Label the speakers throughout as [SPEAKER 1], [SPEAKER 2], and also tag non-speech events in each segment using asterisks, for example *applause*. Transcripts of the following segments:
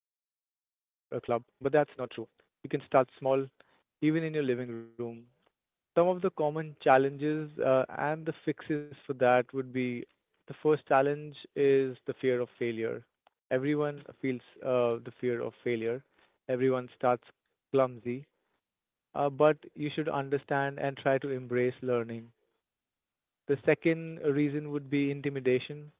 [SPEAKER 1] or a club, but that's not true. You can start small, even in your living room. Some of the common challenges and the fixes for that would be the first challenge is the fear of failure. Everyone feels the fear of failure. Everyone starts clumsy, but you should understand and try to embrace learning. The second reason would be intimidation.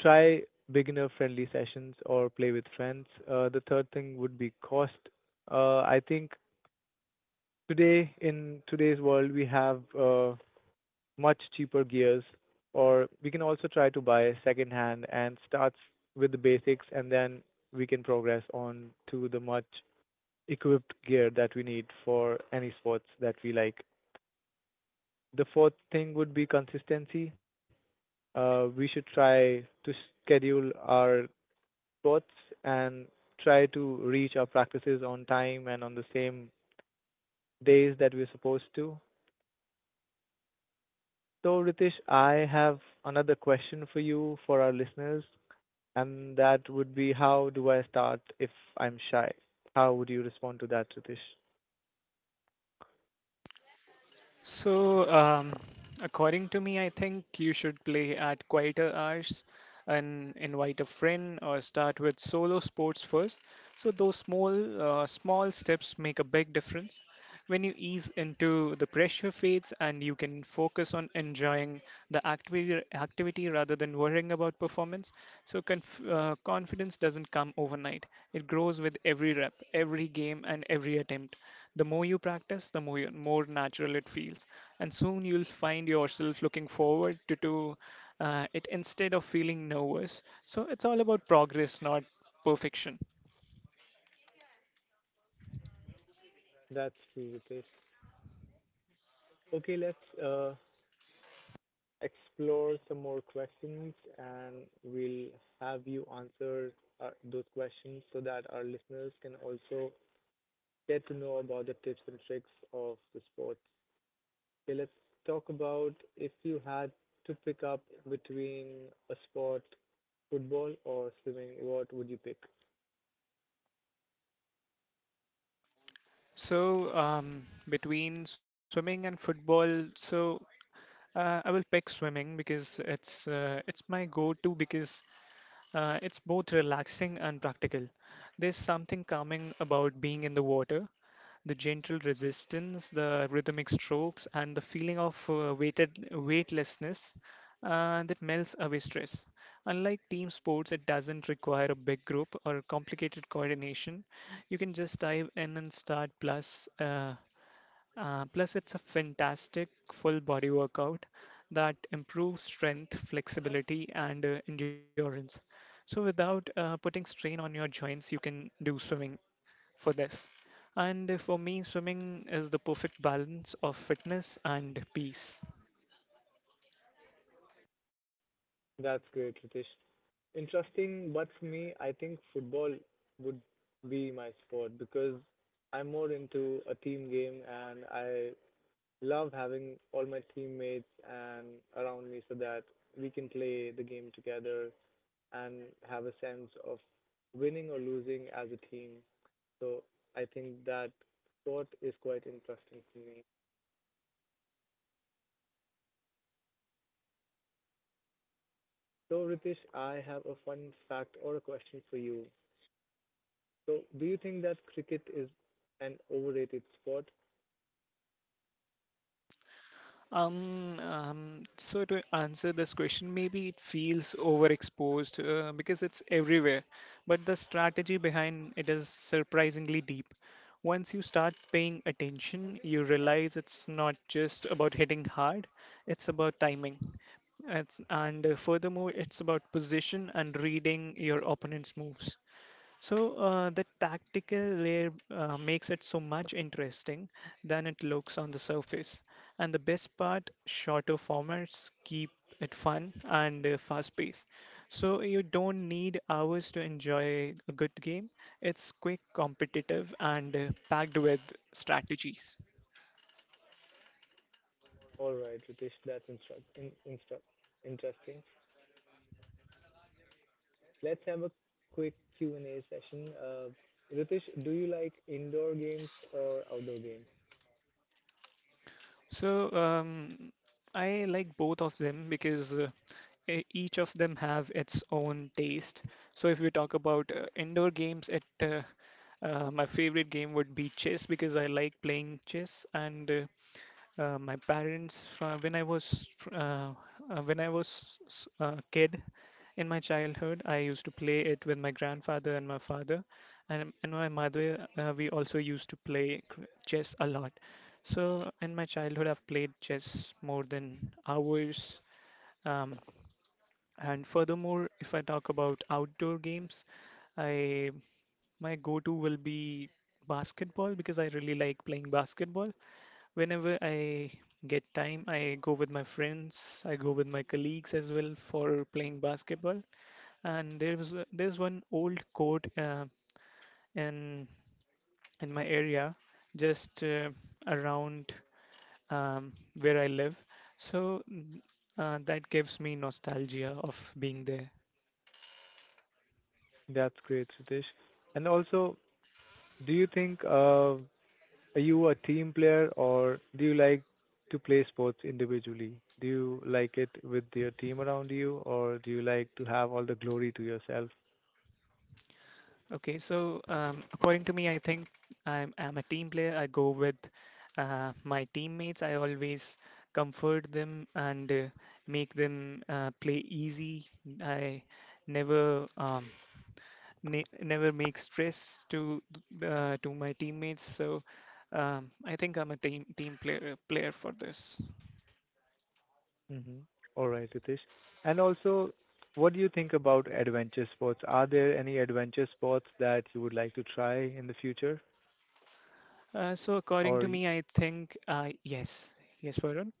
[SPEAKER 1] Try beginner friendly sessions or play with friends. The third thing would be cost. I think today in today's world we have much cheaper gears, or we can also try to buy secondhand and start with the basics, and then we can progress on to the much equipped gear that we need for any sports that we like. The fourth thing would be consistency. We should try to schedule our sports and try to reach our practices on time and on the same days that we're supposed to. So, Ritesh, I have another question for you for our listeners, and that would be how do I start if I'm shy? How would you respond to that, Ritesh?
[SPEAKER 2] So, um, according to me, I think you should play at quieter hours and invite a friend or start with solo sports first. So those small small steps make a big difference. When you ease into the pressure fades and you can focus on enjoying the activity rather than worrying about performance. So confidence doesn't come overnight. It grows with every rep, every game, and every attempt. The more you practice, more natural it feels. And soon you'll find yourself looking forward to it instead of feeling nervous. So it's all about progress, not perfection.
[SPEAKER 1] That's true, Ritesh. Okay, let's explore some more questions and we'll have you answer those questions so that our listeners can also get to know about the tips and tricks of the sports. Okay, let's talk about if you had to pick up between a sport, football or swimming, what would you pick?
[SPEAKER 2] Between swimming and football, I will pick swimming because it's my go-to because it's both relaxing and practical. There's something calming about being in the water, the gentle resistance, the rhythmic strokes, and the feeling of weighted weightlessness that melts away stress. Unlike team sports, it doesn't require a big group or complicated coordination. You can just dive in and start. Plus, it's a fantastic full body workout that improves strength, flexibility, and endurance. So, without putting strain on your joints, you can do swimming for this. And for me, swimming is the perfect balance of fitness and peace.
[SPEAKER 1] That's great, Ritesh. Interesting, but for me, I think football would be my sport because I'm more into a team game and I love having all my teammates and around me so that we can play the game together and have a sense of winning or losing as a team. So I think that sport is quite interesting for me. So Ritesh, I have a fun fact or a question for you. So do you think that cricket is an overrated sport?
[SPEAKER 2] So to answer this question, maybe it feels overexposed because it's everywhere, but the strategy behind it is surprisingly deep. Once you start paying attention, you realize it's not just about hitting hard, it's about timing. It's, and Furthermore, it's about position and reading your opponent's moves. So the tactical layer makes it so much interesting than it looks on the surface. And the best part, shorter formats keep it fun and fast-paced. So you don't need hours to enjoy a good game. It's quick, competitive, and packed with strategies.
[SPEAKER 1] All right, Ritesh, that's interesting. Let's have a quick Q and A session. Ritesh, do you like indoor games or outdoor games?
[SPEAKER 2] So um, I like both of them because each of them have its own taste. So if we talk about indoor games, it my favorite game would be chess because I like playing chess, and my parents, when I was when I was a kid in my childhood, I used to play it with my grandfather and my father, and my mother. We also used to play chess a lot. So in my childhood, I've played chess more than hours. Um, and furthermore, if I talk about outdoor games, I my go-to will be basketball because I really like playing basketball. Whenever I get time, I go with my friends, I go with my colleagues as well for playing basketball. And there's one old court in my area, just around um, where I live. So that gives me nostalgia of being there.
[SPEAKER 1] That's great, Ritesh. And also, do you think are you a team player or do you like to play sports individually? Do you like it with your team around you or do you like to have all the glory to yourself?
[SPEAKER 2] According to me, I think I'm a team player. I go with my teammates. I always comfort them and make them play easy. I never ne never make stress to my teammates. So I think I'm a team player for this.
[SPEAKER 1] Mm-hmm. All right, Ritesh. And also, what do you think about adventure sports? Are there any adventure sports that you would like to try in the future?
[SPEAKER 2] So according
[SPEAKER 1] Or
[SPEAKER 2] to
[SPEAKER 1] y-
[SPEAKER 2] me, I think yes, Varun.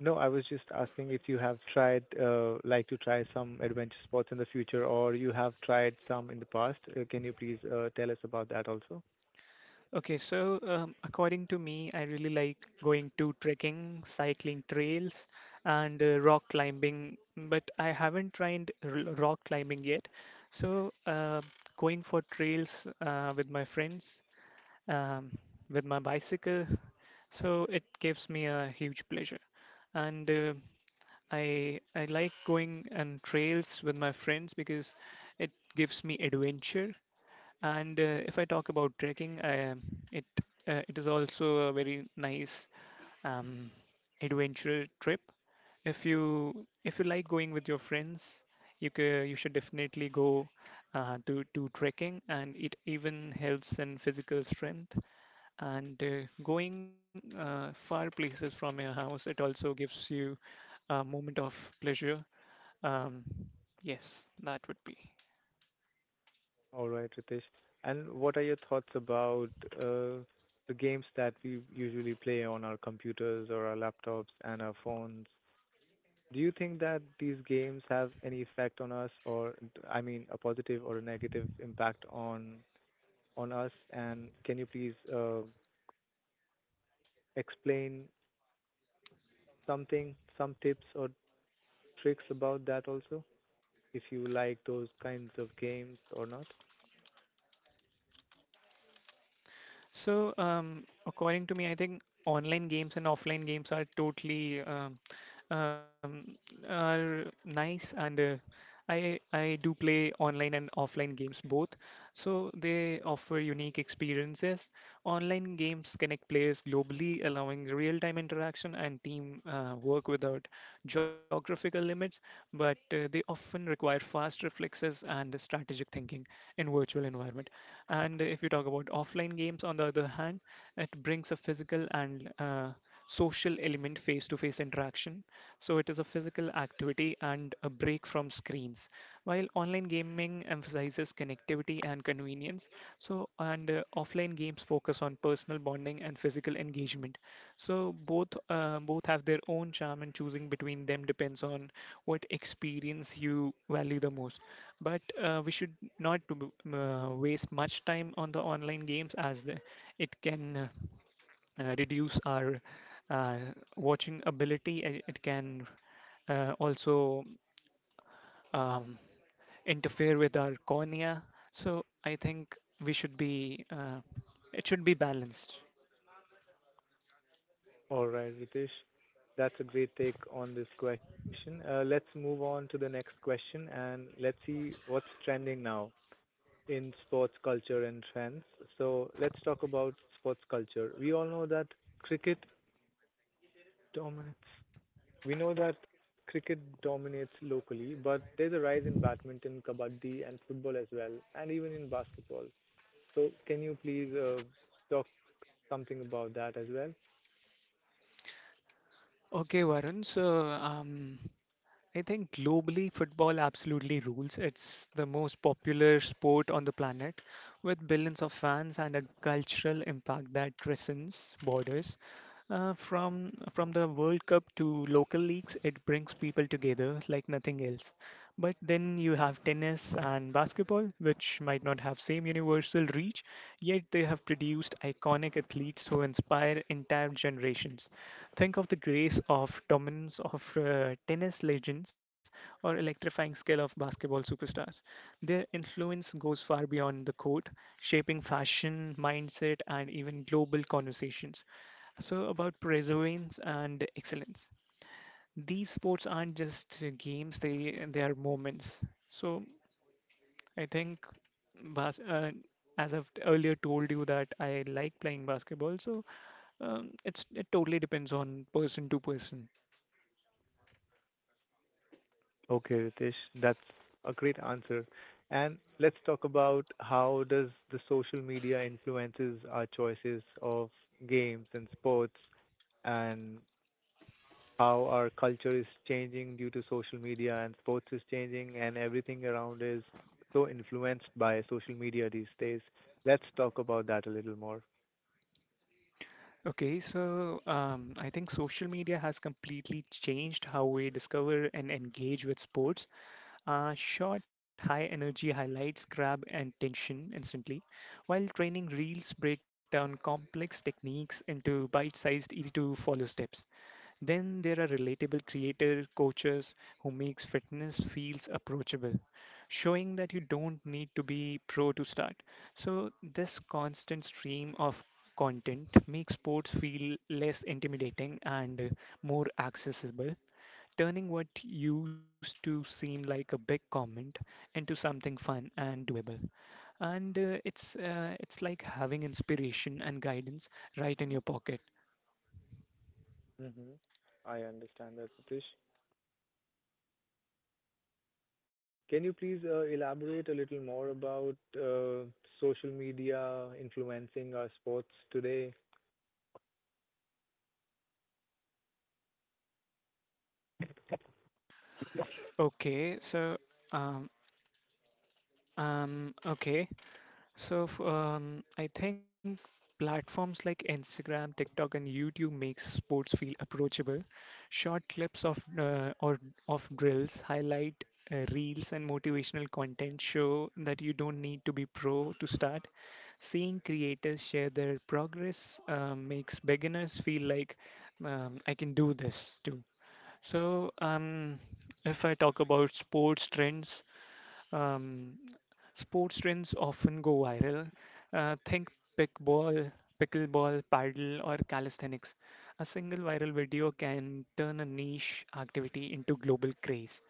[SPEAKER 1] no, I was just asking if you have tried, like to try some adventure sports in the future, or you have tried some in the past. Can you please tell us about that also?
[SPEAKER 2] According to me, I really like going to trekking, cycling trails, and rock climbing, but I haven't tried r rock climbing yet. So, uh, Going for trails with my friends, um, with my bicycle, so it gives me a huge pleasure. And I like going on trails with my friends because it gives me adventure and if I talk about trekking, it it is also a very nice um, adventure trip. If you like going with your friends, you should definitely go to trekking, and it even helps in physical strength. And going far places from your house, it also gives you a moment of pleasure. Um, yes, that would be.
[SPEAKER 1] All right, Ritesh. And what are your thoughts about uh, the games that we usually play on our computers or our laptops and our phones? Do you think that these games have any effect on us, or I mean, a positive or a negative impact on us? And can you please explain some tips or tricks about that also, if you like those kinds of games or not?
[SPEAKER 2] According to me, I think online games and offline games are totally um, are nice, and I do play online and offline games both. So they offer unique experiences. Online games connect players globally, allowing real-time interaction and team work without geographical limits. But they often require fast reflexes and strategic thinking in virtual environment. And if you talk about offline games, on the other hand, it brings a physical and social element, face to face interaction. So it is a physical activity and a break from screens. While online gaming emphasizes connectivity and convenience, so and offline games focus on personal bonding and physical engagement. So both have their own charm, and choosing between them depends on what experience you value the most, but we should not to waste much time on the online games as the, it can reduce our uh, watching ability and it can also um, interfere with our cornea. So I think we should be it should be balanced.
[SPEAKER 1] All right, Ritesh. That's a great take on this question. Let's move on to the next question and let's see what's trending now in sports culture and trends. So let's talk about sports culture. We all know that cricket dominates. We know that cricket dominates locally, but there's a rise in badminton, kabaddi, and football as well, and even in basketball. So can you please talk something about that as well?
[SPEAKER 2] Okay Varun, I think globally, football absolutely rules. It's the most popular sport on the planet with billions of fans and a cultural impact that transcends borders. From from the World Cup to local leagues, it brings people together like nothing else. But then you have tennis and basketball, which might not have same universal reach, yet they have produced iconic athletes who inspire entire generations. Think of the grace of dominance of tennis legends or electrifying skill of basketball superstars. Their influence goes far beyond the court, shaping fashion, mindset, and even global conversations. So, about perseverance and excellence. These sports aren't just games, they are moments. So, I think bas as I've earlier told you that I like playing basketball, so it's it totally depends on person to person.
[SPEAKER 1] Okay, Ritesh, that's a great answer. And let's talk about how does the social media influences our choices of games and sports and how our culture is changing due to social media and sports is changing and everything around is so influenced by social media these days. Let's talk about that a little more.
[SPEAKER 2] I think social media has completely changed how we discover and engage with sports. Short, high energy highlights grab attention instantly, while training reels break down complex techniques into bite sized, easy to follow steps. Then there are relatable creator coaches who makes fitness feels approachable, showing that you don't need to be pro to start. So this constant stream of content makes sports feel less intimidating and more accessible, turning what used to seem like a big comment into something fun and doable. And it's like having inspiration and guidance right in your pocket.
[SPEAKER 1] Mm-hmm. I understand that, Ritesh. Can you please elaborate a little more about social media influencing our sports today?
[SPEAKER 2] Okay, so um um okay, I think platforms like Instagram, TikTok, and YouTube make sports feel approachable. Short clips of or of drills, highlight reels, and motivational content show that you don't need to be pro to start. Seeing creators share their progress makes beginners feel like I can do this too. So if I talk about sports trends. Um, Sports trends often go viral. Think pickleball, pickleball, paddle, or calisthenics. A single viral video can turn a niche activity into global craze.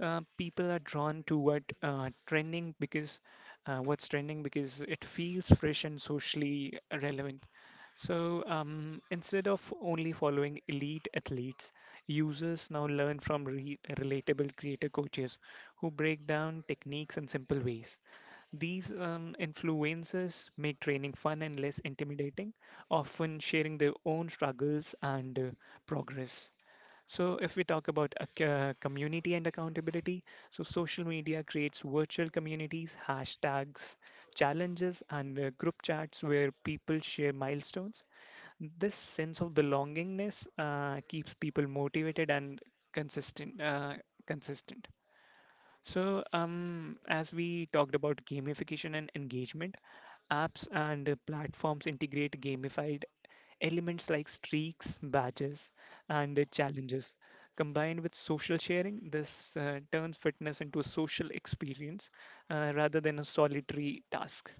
[SPEAKER 2] People are drawn to what's trending because it feels fresh and socially relevant. So instead of only following elite athletes, users now learn from re relatable creator coaches who break down techniques in simple ways. These influencers make training fun and less intimidating, often sharing their own struggles and progress. So, if we talk about community and accountability, so social media creates virtual communities, hashtags, challenges, and group chats where people share milestones. This sense of belongingness keeps people motivated and consistent. Uh, consistent. So, as we talked about gamification and engagement, apps and platforms integrate gamified elements like streaks, badges, and challenges. Combined with social sharing, this turns fitness into a social experience rather than a solitary task.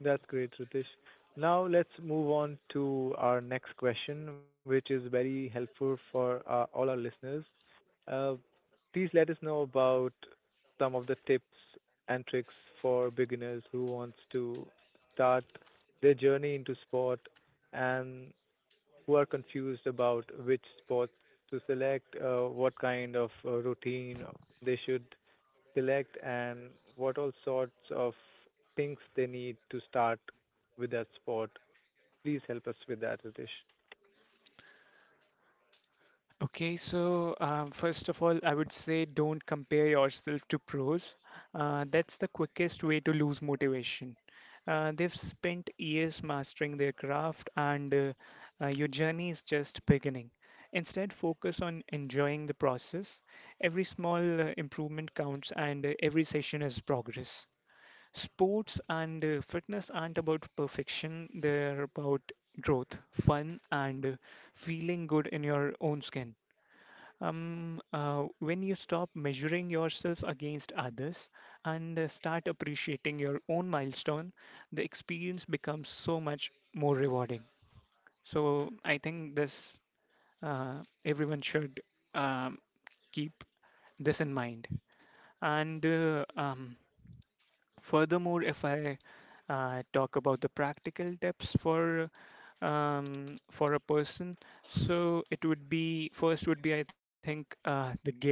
[SPEAKER 1] That's great, Ritesh. Now let's move on to our next question, which is very helpful for all our listeners. Uh, please let us know about some of the tips and tricks for beginners who wants to start their journey into sport and who are confused about which sports to select, what kind of routine they should select, and what all sorts of things they need to start with that sport. Please help us with that, Ritesh.
[SPEAKER 2] First of all, I would say don't compare yourself to pros. That's the quickest way to lose motivation. They've spent years mastering their craft, and your journey is just beginning. Instead, focus on enjoying the process. Every small improvement counts, and every session is progress. Sports and fitness aren't about perfection, they're about growth, fun, and feeling good in your own skin. When you stop measuring yourself against others and start appreciating your own milestone, the experience becomes so much more rewarding. So I think this everyone should um, keep this in mind. And Furthermore, if I talk about the practical tips for a person, so it would be first would be I think the gear.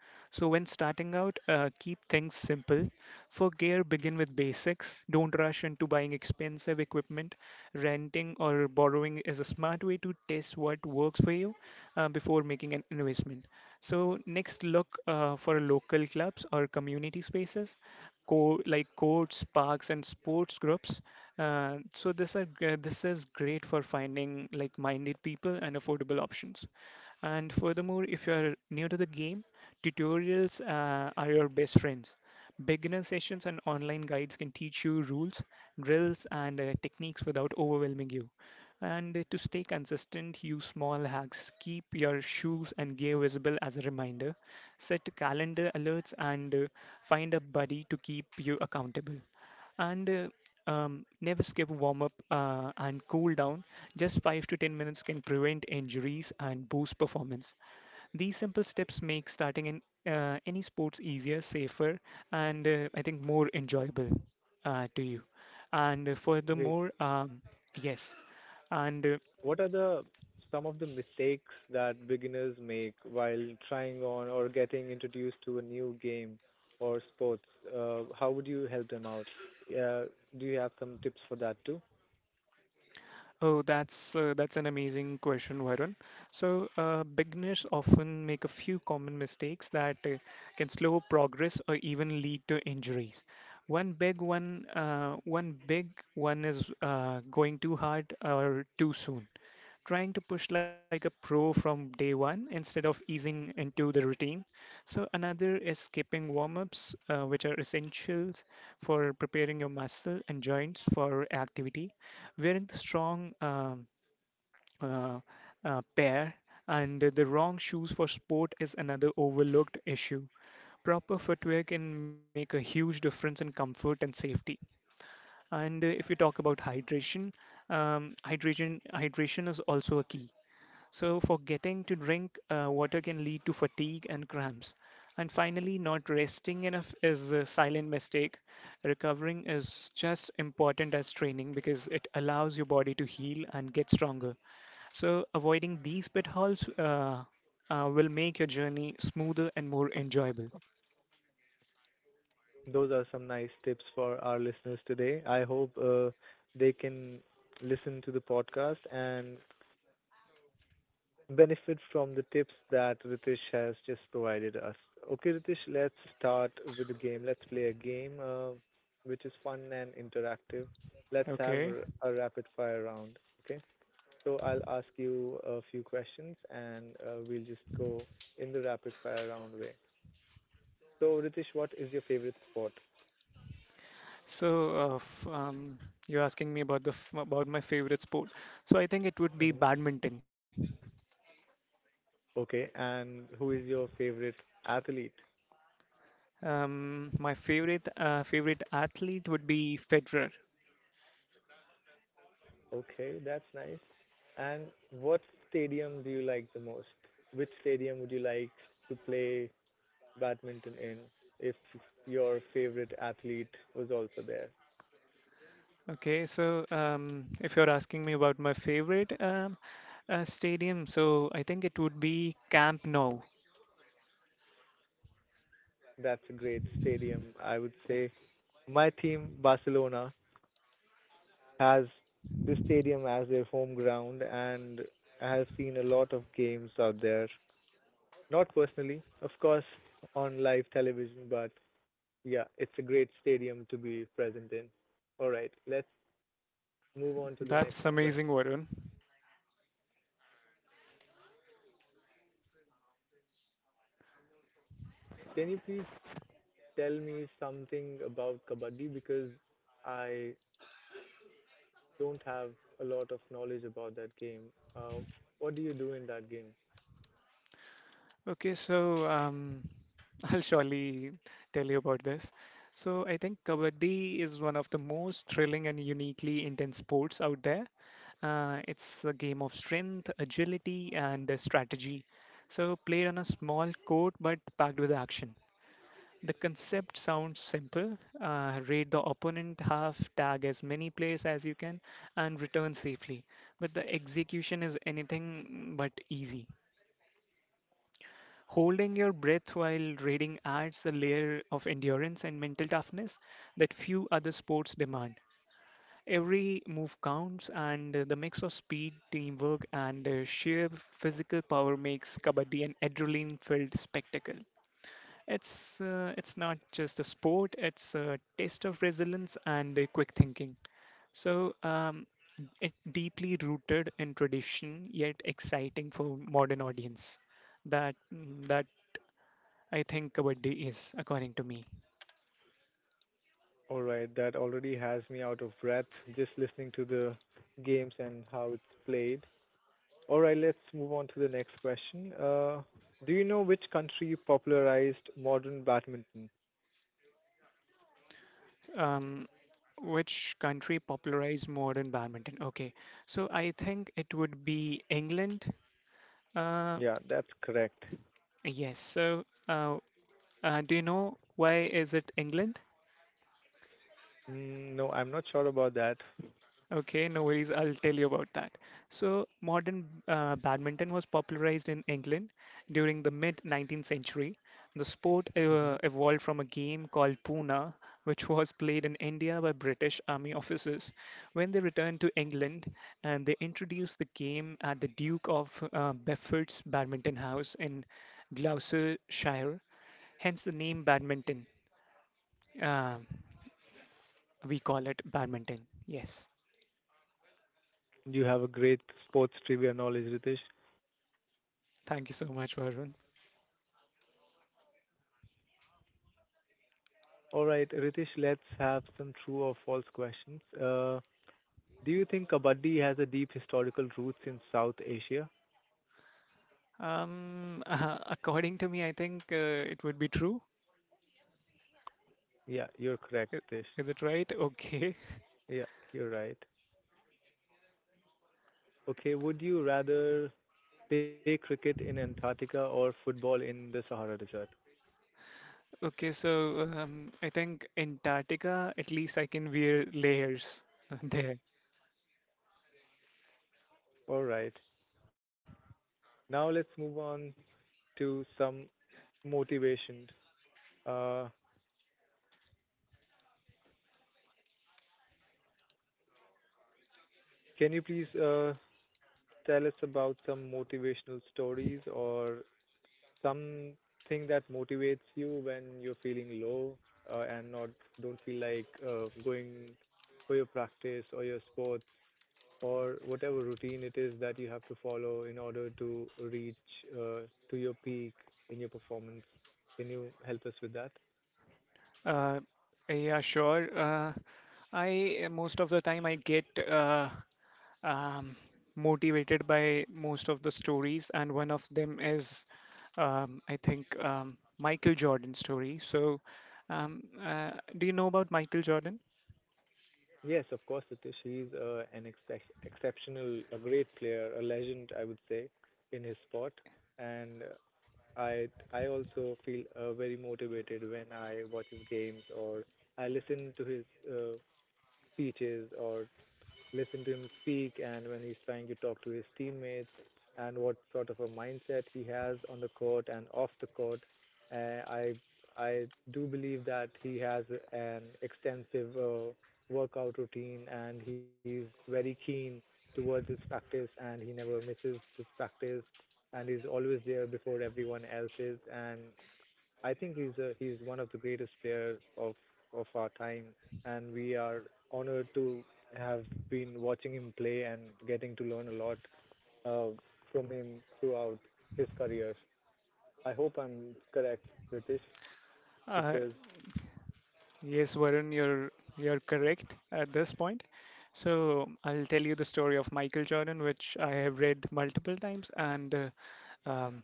[SPEAKER 2] So when starting out, keep things simple. For gear, begin with basics. Don't rush into buying expensive equipment. Renting or borrowing is a smart way to test what works for you before making an investment. So next, look for local clubs or community spaces like courts, parks, and sports groups. So this is great for finding like minded people and affordable options. And furthermore, if you are new to the game, tutorials are your best friends. Beginner sessions and online guides can teach you rules, drills, and techniques without overwhelming you. And to stay consistent, use small hacks. Keep your shoes and gear visible as a reminder. Set calendar alerts and find a buddy to keep you accountable and never skip warm up and cool down. Just 5 to 10 minutes can prevent injuries and boost performance. These simple steps make starting in any sports easier, safer, and I think more enjoyable to you. And uh,
[SPEAKER 1] Great.
[SPEAKER 2] furthermore, um, yes, and
[SPEAKER 1] What are the some of the mistakes that beginners make while trying on or getting introduced to a new game or sports? How would you help them out? Uh, do you have some tips for that too?
[SPEAKER 2] oh, that's an amazing question, Varun. So, beginners often make a few common mistakes that can slow progress or even lead to injuries. One big one is going too hard or too soon, trying to push like a pro from day one instead of easing into the routine. So another is skipping warm-ups, which are essentials for preparing your muscle and joints for activity. Wearing the strong uh, pair and the wrong shoes for sport is another overlooked issue. Proper footwear can make a huge difference in comfort and safety. And if we talk about hydration, hydration is also a key. So, forgetting to drink water can lead to fatigue and cramps. And finally, not resting enough is a silent mistake. Recovering is just important as training because it allows your body to heal and get stronger. So, avoiding these pitfalls will make your journey smoother and more enjoyable.
[SPEAKER 1] Those are some nice tips for our listeners today. I hope they can listen to the podcast and benefit from the tips that Ritesh has just provided us. Okay, Ritesh, let's start with the game. Let's play a game which is fun and interactive. Let's have
[SPEAKER 2] Okay,
[SPEAKER 1] r- a rapid fire round. Okay, so I'll ask you a few questions and we'll just go in the rapid fire round way. So, Ritesh, what is your favorite sport?
[SPEAKER 2] so f you're asking me about the f about my favorite sport. So I think it would be badminton.
[SPEAKER 1] Okay, and who is your favorite athlete?
[SPEAKER 2] My favorite favorite athlete would be Federer.
[SPEAKER 1] Okay, that's nice. And what stadium do you like the most? Which stadium would you like to play badminton in if your favorite athlete was also there?
[SPEAKER 2] Okay, so if you're asking me about my favorite stadium, so I think it would be Camp Nou.
[SPEAKER 1] That's a great stadium, I would say. My team, Barcelona, has this stadium as their home ground and I have seen a lot of games out there. Not personally, of course, on live television, but yeah, it's a great stadium to be present in. All right, let's move on to the next
[SPEAKER 2] That's amazing,
[SPEAKER 1] question.
[SPEAKER 2] Varun.
[SPEAKER 1] Can you please tell me something about kabaddi because I don't have a lot of knowledge about that game. Uh, what do you do in that game?
[SPEAKER 2] Okay, so *laughs* I'll surely tell you about this. So I think Kabaddi is one of the most thrilling and uniquely intense sports out there. It's a game of strength, agility, and strategy. So, played on a small court but packed with action. The concept sounds simple. Raid the opponent, half tag as many players as you can, and return safely. But the execution is anything but easy. Holding your breath while raiding adds a layer of endurance and mental toughness that few other sports demand. Every move counts, and the mix of speed, teamwork, and sheer physical power makes kabaddi an adrenaline-filled spectacle. It's not just a sport; it's a test of resilience and quick thinking. So it's deeply rooted in tradition, yet exciting for modern audience. That that I think kabaddi is, according to me.
[SPEAKER 1] All right, that already has me out of breath just listening to the games and how it's played. All right, let's move on to the next question. Do you know which country popularized modern badminton?
[SPEAKER 2] Um, Which country popularized modern badminton? Okay, so I think it would be England. Uh,
[SPEAKER 1] Yeah, that's correct.
[SPEAKER 2] yes. So, do you know why is it England?
[SPEAKER 1] Mm, no, I'm not sure about that.
[SPEAKER 2] Okay, no worries. I'll tell you about that. So, modern badminton was popularized in England during the mid 19th century. The sport
[SPEAKER 1] Hmm.
[SPEAKER 2] evolved from a game called Puna, which was played in India by British army officers. When they returned to England, and they introduced the game at the Duke of Bedford's Badminton House in Gloucestershire, hence the name badminton. Um we call it badminton. Yes.
[SPEAKER 1] You have a great sports trivia knowledge, Ritesh.
[SPEAKER 2] Thank you so much, Varun.
[SPEAKER 1] All right, Ritesh, let's have some true or false questions. Do you think Kabaddi has a deep historical roots in South Asia?
[SPEAKER 2] *laughs* According to me, I think it would be true.
[SPEAKER 1] Yeah, you're correct,
[SPEAKER 2] I-
[SPEAKER 1] Ritesh.
[SPEAKER 2] Is it right? Okay. *laughs*
[SPEAKER 1] Yeah, you're right. Okay, would you rather play cricket in Antarctica or football in the Sahara Desert?
[SPEAKER 2] Okay, so I think Antarctica, at least I can wear layers *laughs* there.
[SPEAKER 1] All right. Now let's move on to some motivation. Uh, can you please tell us about some motivational stories or something that motivates you when you're feeling low and not don't feel like going for your practice or your sports or whatever routine it is that you have to follow in order to reach uh, to your peak in your performance. Can you help us with that?
[SPEAKER 2] Uh, yeah, sure. I most of the time I get um, motivated by most of the stories, and one of them is I think Michael Jordan story. So, um, uh, do you know about Michael Jordan?
[SPEAKER 1] Yes, of course, Satish. He's an exceptional, a great player, a legend, I would say, in his sport. And I also feel very motivated when I watch his games or I listen to his uh, speeches or listen to him speak and when he's trying to talk to his teammates and what sort of a mindset he has on the court and off the court. Uh, I I do believe that he has an extensive workout routine and he's very keen towards his practice and he never misses his practice and he's always there before everyone else is and I think he's one of the greatest players of our time, and we are honored to have been watching him play and getting to learn a lot uh, from him throughout his career. I hope I'm correct, British.
[SPEAKER 2] Uh,
[SPEAKER 1] Because
[SPEAKER 2] Yes, Varun, you're correct at this point. So I'll tell you the story of Michael Jordan, which I have read multiple times, and um,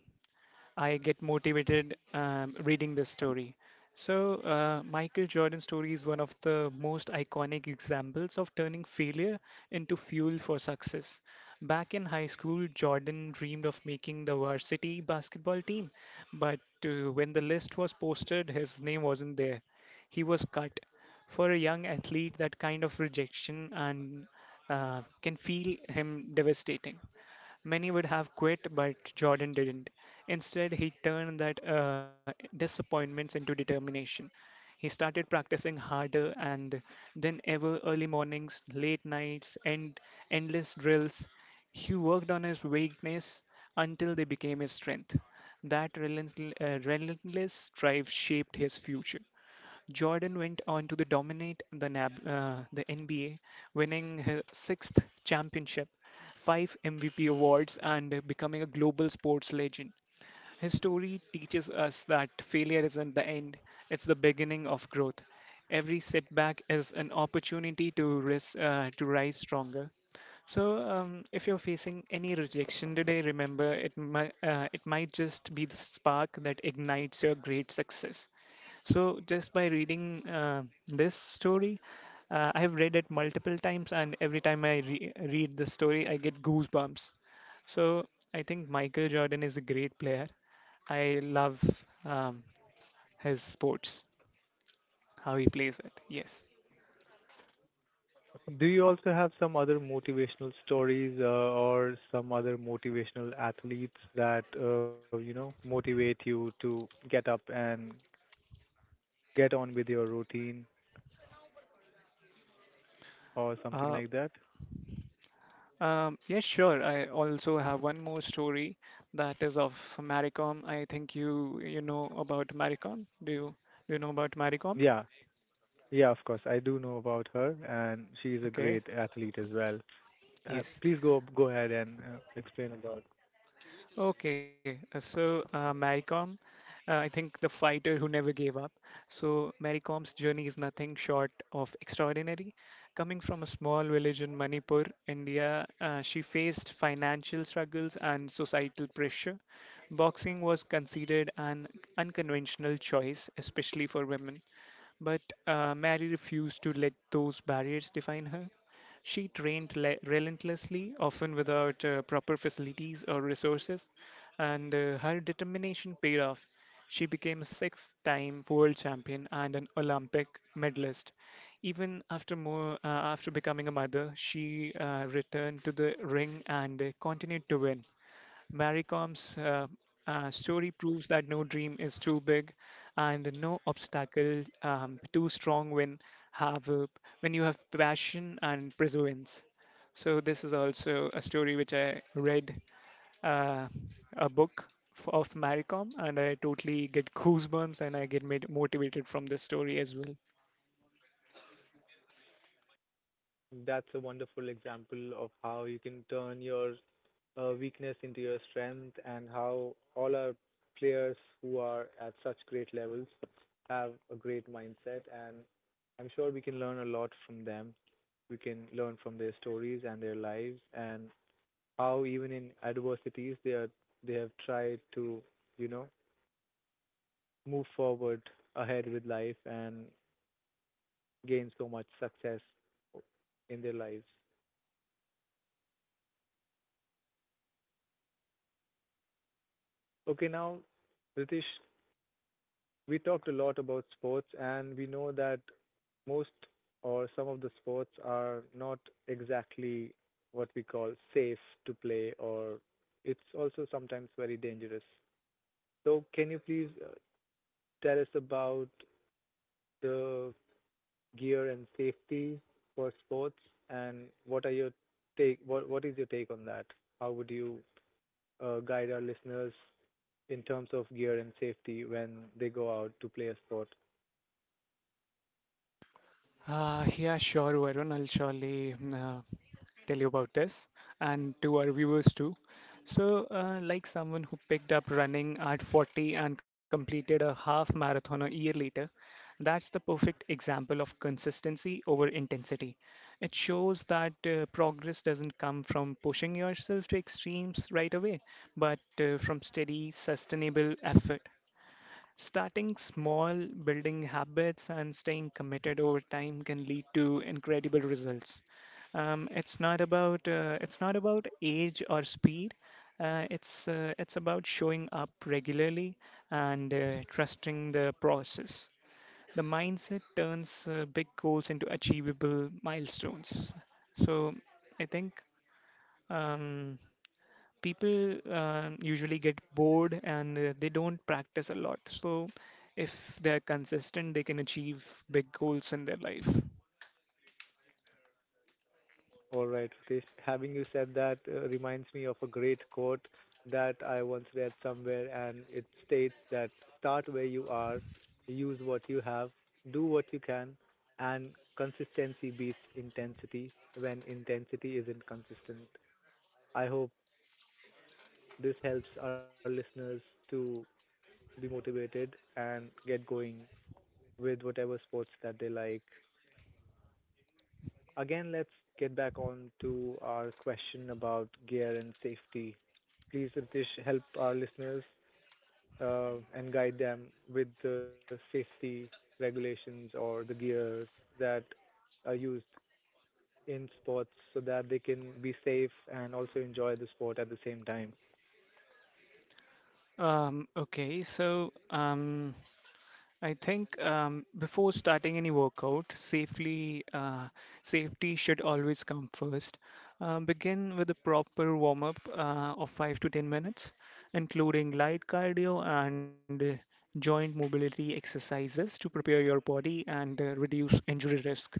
[SPEAKER 2] I get motivated reading this story. So, Michael Jordan's story is one of the most iconic examples of turning failure into fuel for success. Back in high school, Jordan dreamed of making the varsity basketball team, but when the list was posted, his name wasn't there. He was cut. For a young athlete, that kind of rejection and can feel him devastating. Many would have quit, but Jordan didn't. Instead, he turned that disappointments into determination. He started practicing harder and than ever early mornings, late nights, and endless drills. He worked on his weakness until they became his strength. That relentless drive shaped his future. Jordan went on to the dominate the NBA, winning his sixth championship, 5 MVP awards, and becoming a global sports legend. His story teaches us that failure isn't the end, it's the beginning of growth. Every setback is an opportunity to rise stronger. So, if you're facing any rejection today, remember it might just be the spark that ignites your great success. So, just by reading this story, I have read it multiple times, and every time I read the story, I get goosebumps. So, I think Michael Jordan is a great player. I love um, his sports, how he plays it. Yes.
[SPEAKER 1] do you also have some other motivational stories or some other motivational athletes that you know motivate you to get up and get on with your routine or
[SPEAKER 2] Uh,
[SPEAKER 1] something like that?
[SPEAKER 2] yeah, sure. I also have one more story that is of Maricom. I think you know about Maricom. Do you know about Maricom?
[SPEAKER 1] Yeah. Yeah, of course. I do know about her, and she's a
[SPEAKER 2] Okay.
[SPEAKER 1] great athlete as well. Uh,
[SPEAKER 2] Yes.
[SPEAKER 1] please go ahead and explain about.
[SPEAKER 2] Okay, Maricom, I think the fighter who never gave up. So Maricom's journey is nothing short of extraordinary. Coming from a small village in Manipur, India, she faced financial struggles and societal pressure. Boxing was considered an unconventional choice, especially for women. But Mary refused to let those barriers define her. She trained relentlessly, often without proper facilities or resources, and her determination paid off. She became a 6 time world champion and an Olympic medalist. Even after becoming a mother, she returned to the ring and continued to win. Maricom's story proves that no dream is too big and no obstacle too strong when have when you have passion and perseverance. So this is also a story which I read uh, a book of Maricom, and I totally get goosebumps and I get made motivated from this story as well.
[SPEAKER 1] That's a wonderful example of how you can turn your weakness into your strength and how all our players who are at such great levels have a great mindset and I'm sure we can learn a lot from them. We can learn from their stories and their lives and how even in adversities they have tried to, you know, move forward ahead with life and gain so much success in their lives. Okay, now, Ritesh, we talked a lot about sports, and we know that most or some of the sports are not exactly what we call safe to play, or it's also sometimes very dangerous. So, can you please tell us about the gear and safety for sports, and what are your take? What is your take on that? How would you guide our listeners in terms of gear and safety when they go out to play a sport?
[SPEAKER 2] Yeah, sure, Varun. I'll surely tell you about this and to our viewers too. So, like someone who picked up running at 40 and completed a half marathon a year later, that's the perfect example of consistency over intensity. It shows that progress doesn't come from pushing yourself to extremes right away, but from steady, sustainable effort. Starting small, building habits, and staying committed over time can lead to incredible results. It's not about age or speed. It's about showing up regularly and trusting the process. The mindset turns big goals into achievable milestones. So I think. Um, People usually get bored and they don't practice a lot. So, if they're consistent, they can achieve big goals in their life.
[SPEAKER 1] All right, this having you said that reminds me of a great quote that I once read somewhere, and it states that start where you are, use what you have, do what you can, and consistency beats intensity when intensity isn't consistent. I hope this helps our listeners to be motivated and get going with whatever sports that they like. Again, let's get back on to our question about gear and safety. Please, Ritesh, help our listeners and guide them with the safety regulations or the gears that are used in sports so that they can be safe and also enjoy the sport at the same time.
[SPEAKER 2] Okay, so I think before starting any workout, safely safety should always come first. Begin with a proper warm up of 5 to 10 minutes, including light cardio and joint mobility exercises to prepare your body and reduce injury risk.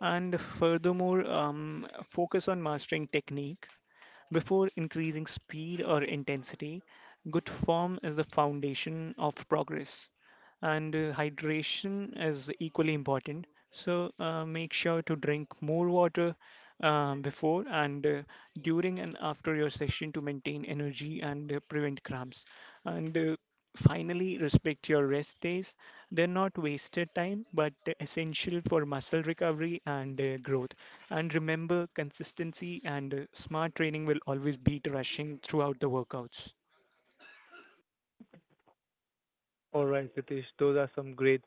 [SPEAKER 2] And furthermore, focus on mastering technique before increasing speed or intensity, good form is the foundation of progress, and hydration is equally important. So, make sure to drink more water before and during and after your session to maintain energy and prevent cramps. And finally, respect your rest days. They're not wasted time, but essential for muscle recovery and growth. And remember, consistency and smart training will always beat rushing throughout the workouts.
[SPEAKER 1] All right, Ritesh, those are some great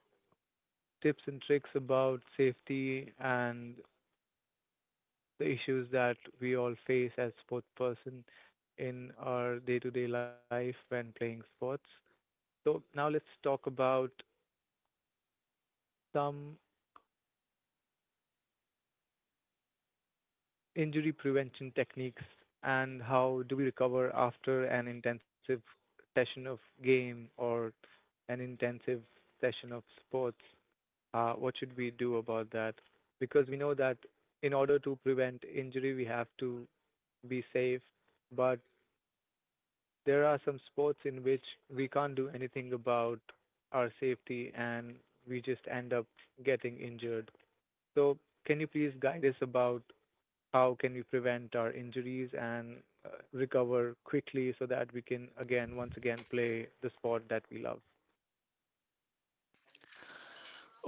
[SPEAKER 1] tips and tricks about safety and the issues that we all face as sports person in our day-to-day life when playing sports. So now let's talk about some injury prevention techniques and how do we recover after an intensive session of game or an intensive session of sports. What should we do about that? Because we know that in order to prevent injury, we have to be safe, but there are some sports in which we can't do anything about our safety and we just end up getting injured. So, can you please guide us about how can we prevent our injuries and recover quickly so that we can again, once again, play the sport that we love?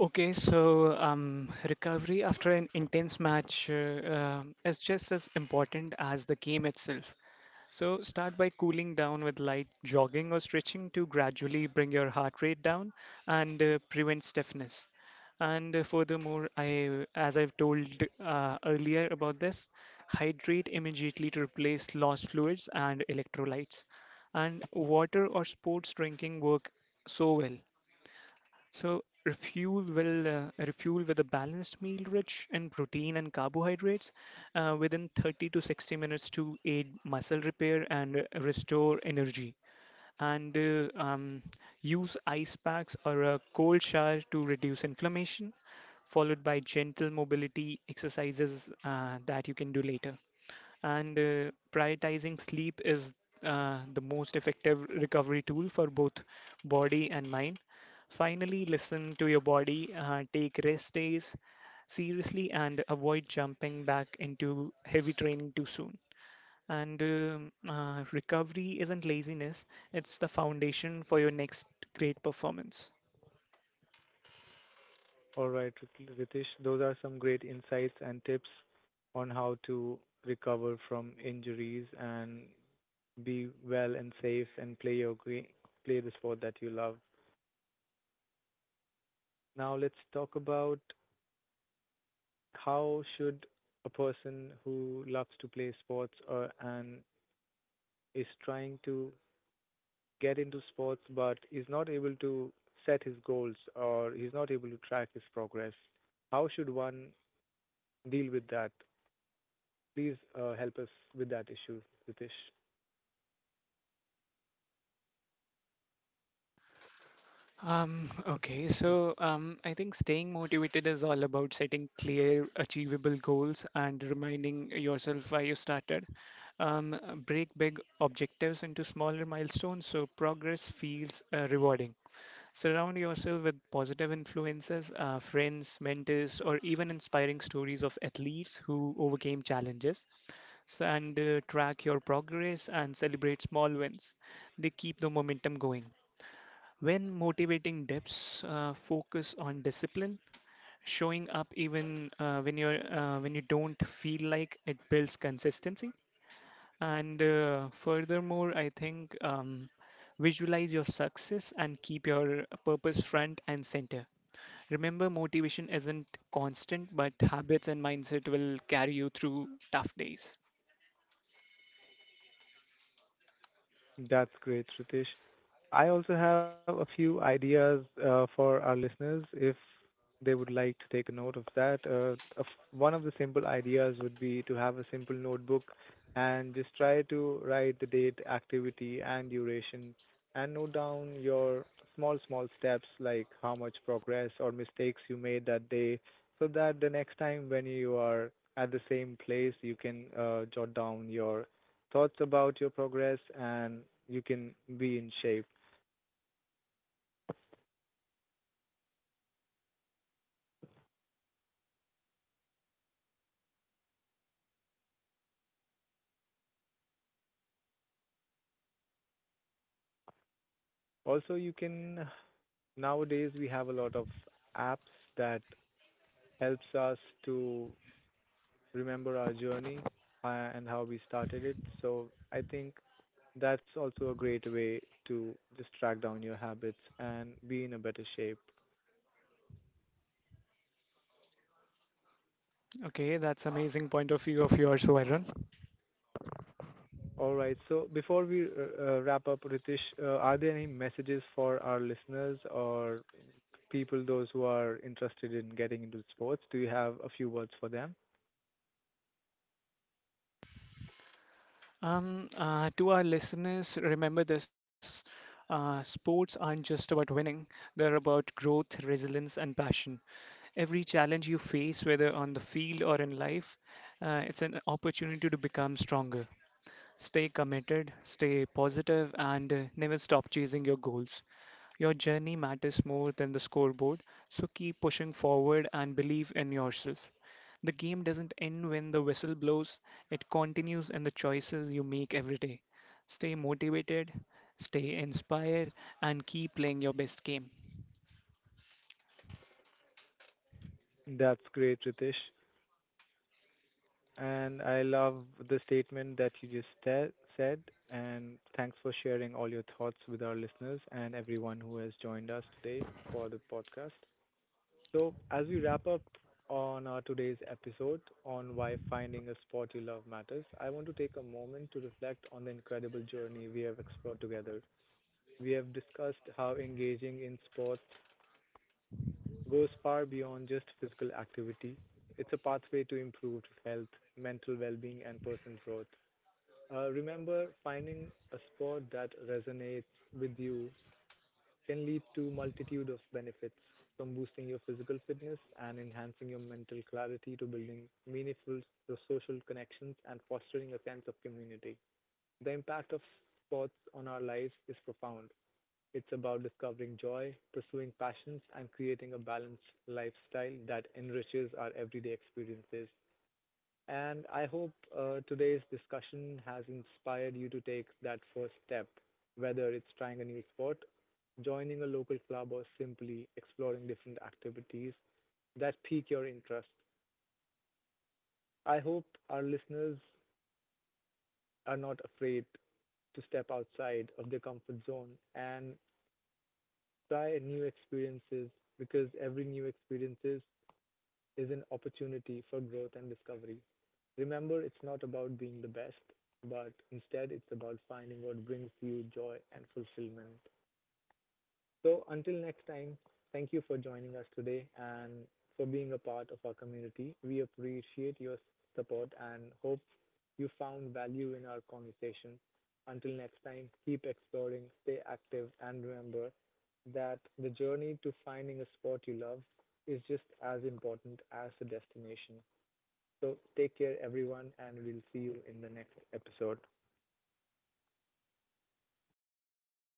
[SPEAKER 2] Okay, so recovery after an intense match is just as important as the game itself. So start by cooling down with light jogging or stretching to gradually bring your heart rate down and prevent stiffness. And furthermore, I, as I've told earlier about this, hydrate immediately to replace lost fluids and electrolytes. And water or sports drinking work so well. So refuel with a balanced meal rich in protein and carbohydrates within 30 to 60 minutes to aid muscle repair and restore energy. And use ice packs or a cold shower to reduce inflammation, followed by gentle mobility exercises that you can do later. And prioritizing sleep is the most effective recovery tool for both body and mind. Finally, listen to your body, take rest days seriously, and avoid jumping back into heavy training too soon. And recovery isn't laziness, it's the foundation for your next great performance.
[SPEAKER 1] All right, Ritesh, those are some great insights and tips on how to recover from injuries and be well and safe and play your gre play the sport that you love. Now let's talk about how should a person who loves to play sports or and is trying to get into sports but is not able to set his goals or he's not able to track his progress. How should one deal with that? Please help us with that issue, Ritesh.
[SPEAKER 2] Okay, so I think staying motivated is all about setting clear, achievable goals and reminding yourself why you started. Break big objectives into smaller milestones so progress feels rewarding. Surround yourself with positive influences, friends, mentors, or even inspiring stories of athletes who overcame challenges. So, and track your progress and celebrate small wins. They keep the momentum going. When motivating depths, focus on discipline, showing up even when you don't feel like it builds consistency. And furthermore, I think visualize your success and keep your purpose front and center. Remember, motivation isn't constant, but habits and mindset will carry you through tough days.
[SPEAKER 1] That's great, Ritesh. I also have a few ideas for our listeners if they would like to take a note of that. Of one of the simple ideas would be to have a simple notebook and just try to write the date, activity, and duration, and note down your small, small steps like how much progress or mistakes you made that day, so that the next time when you are at the same place, you can jot down your thoughts about your progress and you can be in shape. Also, you can nowadays we have a lot of apps that helps us to remember our journey and how we started it. So I think that's also a great way to just track down your habits and be in a better shape.
[SPEAKER 2] Okay, that's amazing point of view of yours, Varun.
[SPEAKER 1] All right. So before we wrap up, Ritesh, are there any messages for our listeners or people, those who are interested in getting into sports? Do you have a few words for them?
[SPEAKER 2] To our listeners, remember this sports aren't just about winning, they're about growth, resilience, and passion. Every challenge you face, whether on the field or in life, it's an opportunity to become stronger. Stay committed, stay positive, and never stop chasing your goals. Your journey matters more than the scoreboard, so keep pushing forward and believe in yourself. The game doesn't end when the whistle blows, it continues in the choices you make every day. Stay motivated, stay inspired, and keep playing your best game.
[SPEAKER 1] That's great, Ritesh. And I love the statement that you just said. And thanks for sharing all your thoughts with our listeners and everyone who has joined us today for the podcast. So, as we wrap up on our today's episode on why finding a sport you love matters, I want to take a moment to reflect on the incredible journey we have explored together. We have discussed how engaging in sports goes far beyond just physical activity. It's a pathway to improved health, mental well being, and personal growth. Remember, finding a sport that resonates with you can lead to multitude of benefits, from boosting your physical fitness and enhancing your mental clarity to building meaningful social connections and fostering a sense of community. The impact of sports on our lives is profound. It's about discovering joy, pursuing passions, and creating a balanced lifestyle that enriches our everyday experiences. And I hope today's discussion has inspired you to take that first step, whether it's trying a new sport, joining a local club, or simply exploring different activities that pique your interest. I hope our listeners are not afraid to step outside of their comfort zone and try new experiences because every new experience is an opportunity for growth and discovery. Remember, it's not about being the best, but instead it's about finding what brings you joy and fulfillment. So until next time, thank you for joining us today and for being a part of our community. We appreciate your support and hope you found value in our conversation. Until next time, keep exploring, stay active, and remember that the journey to finding a sport you love is just as important as the destination. So take care, everyone, and we'll see you in the next episode.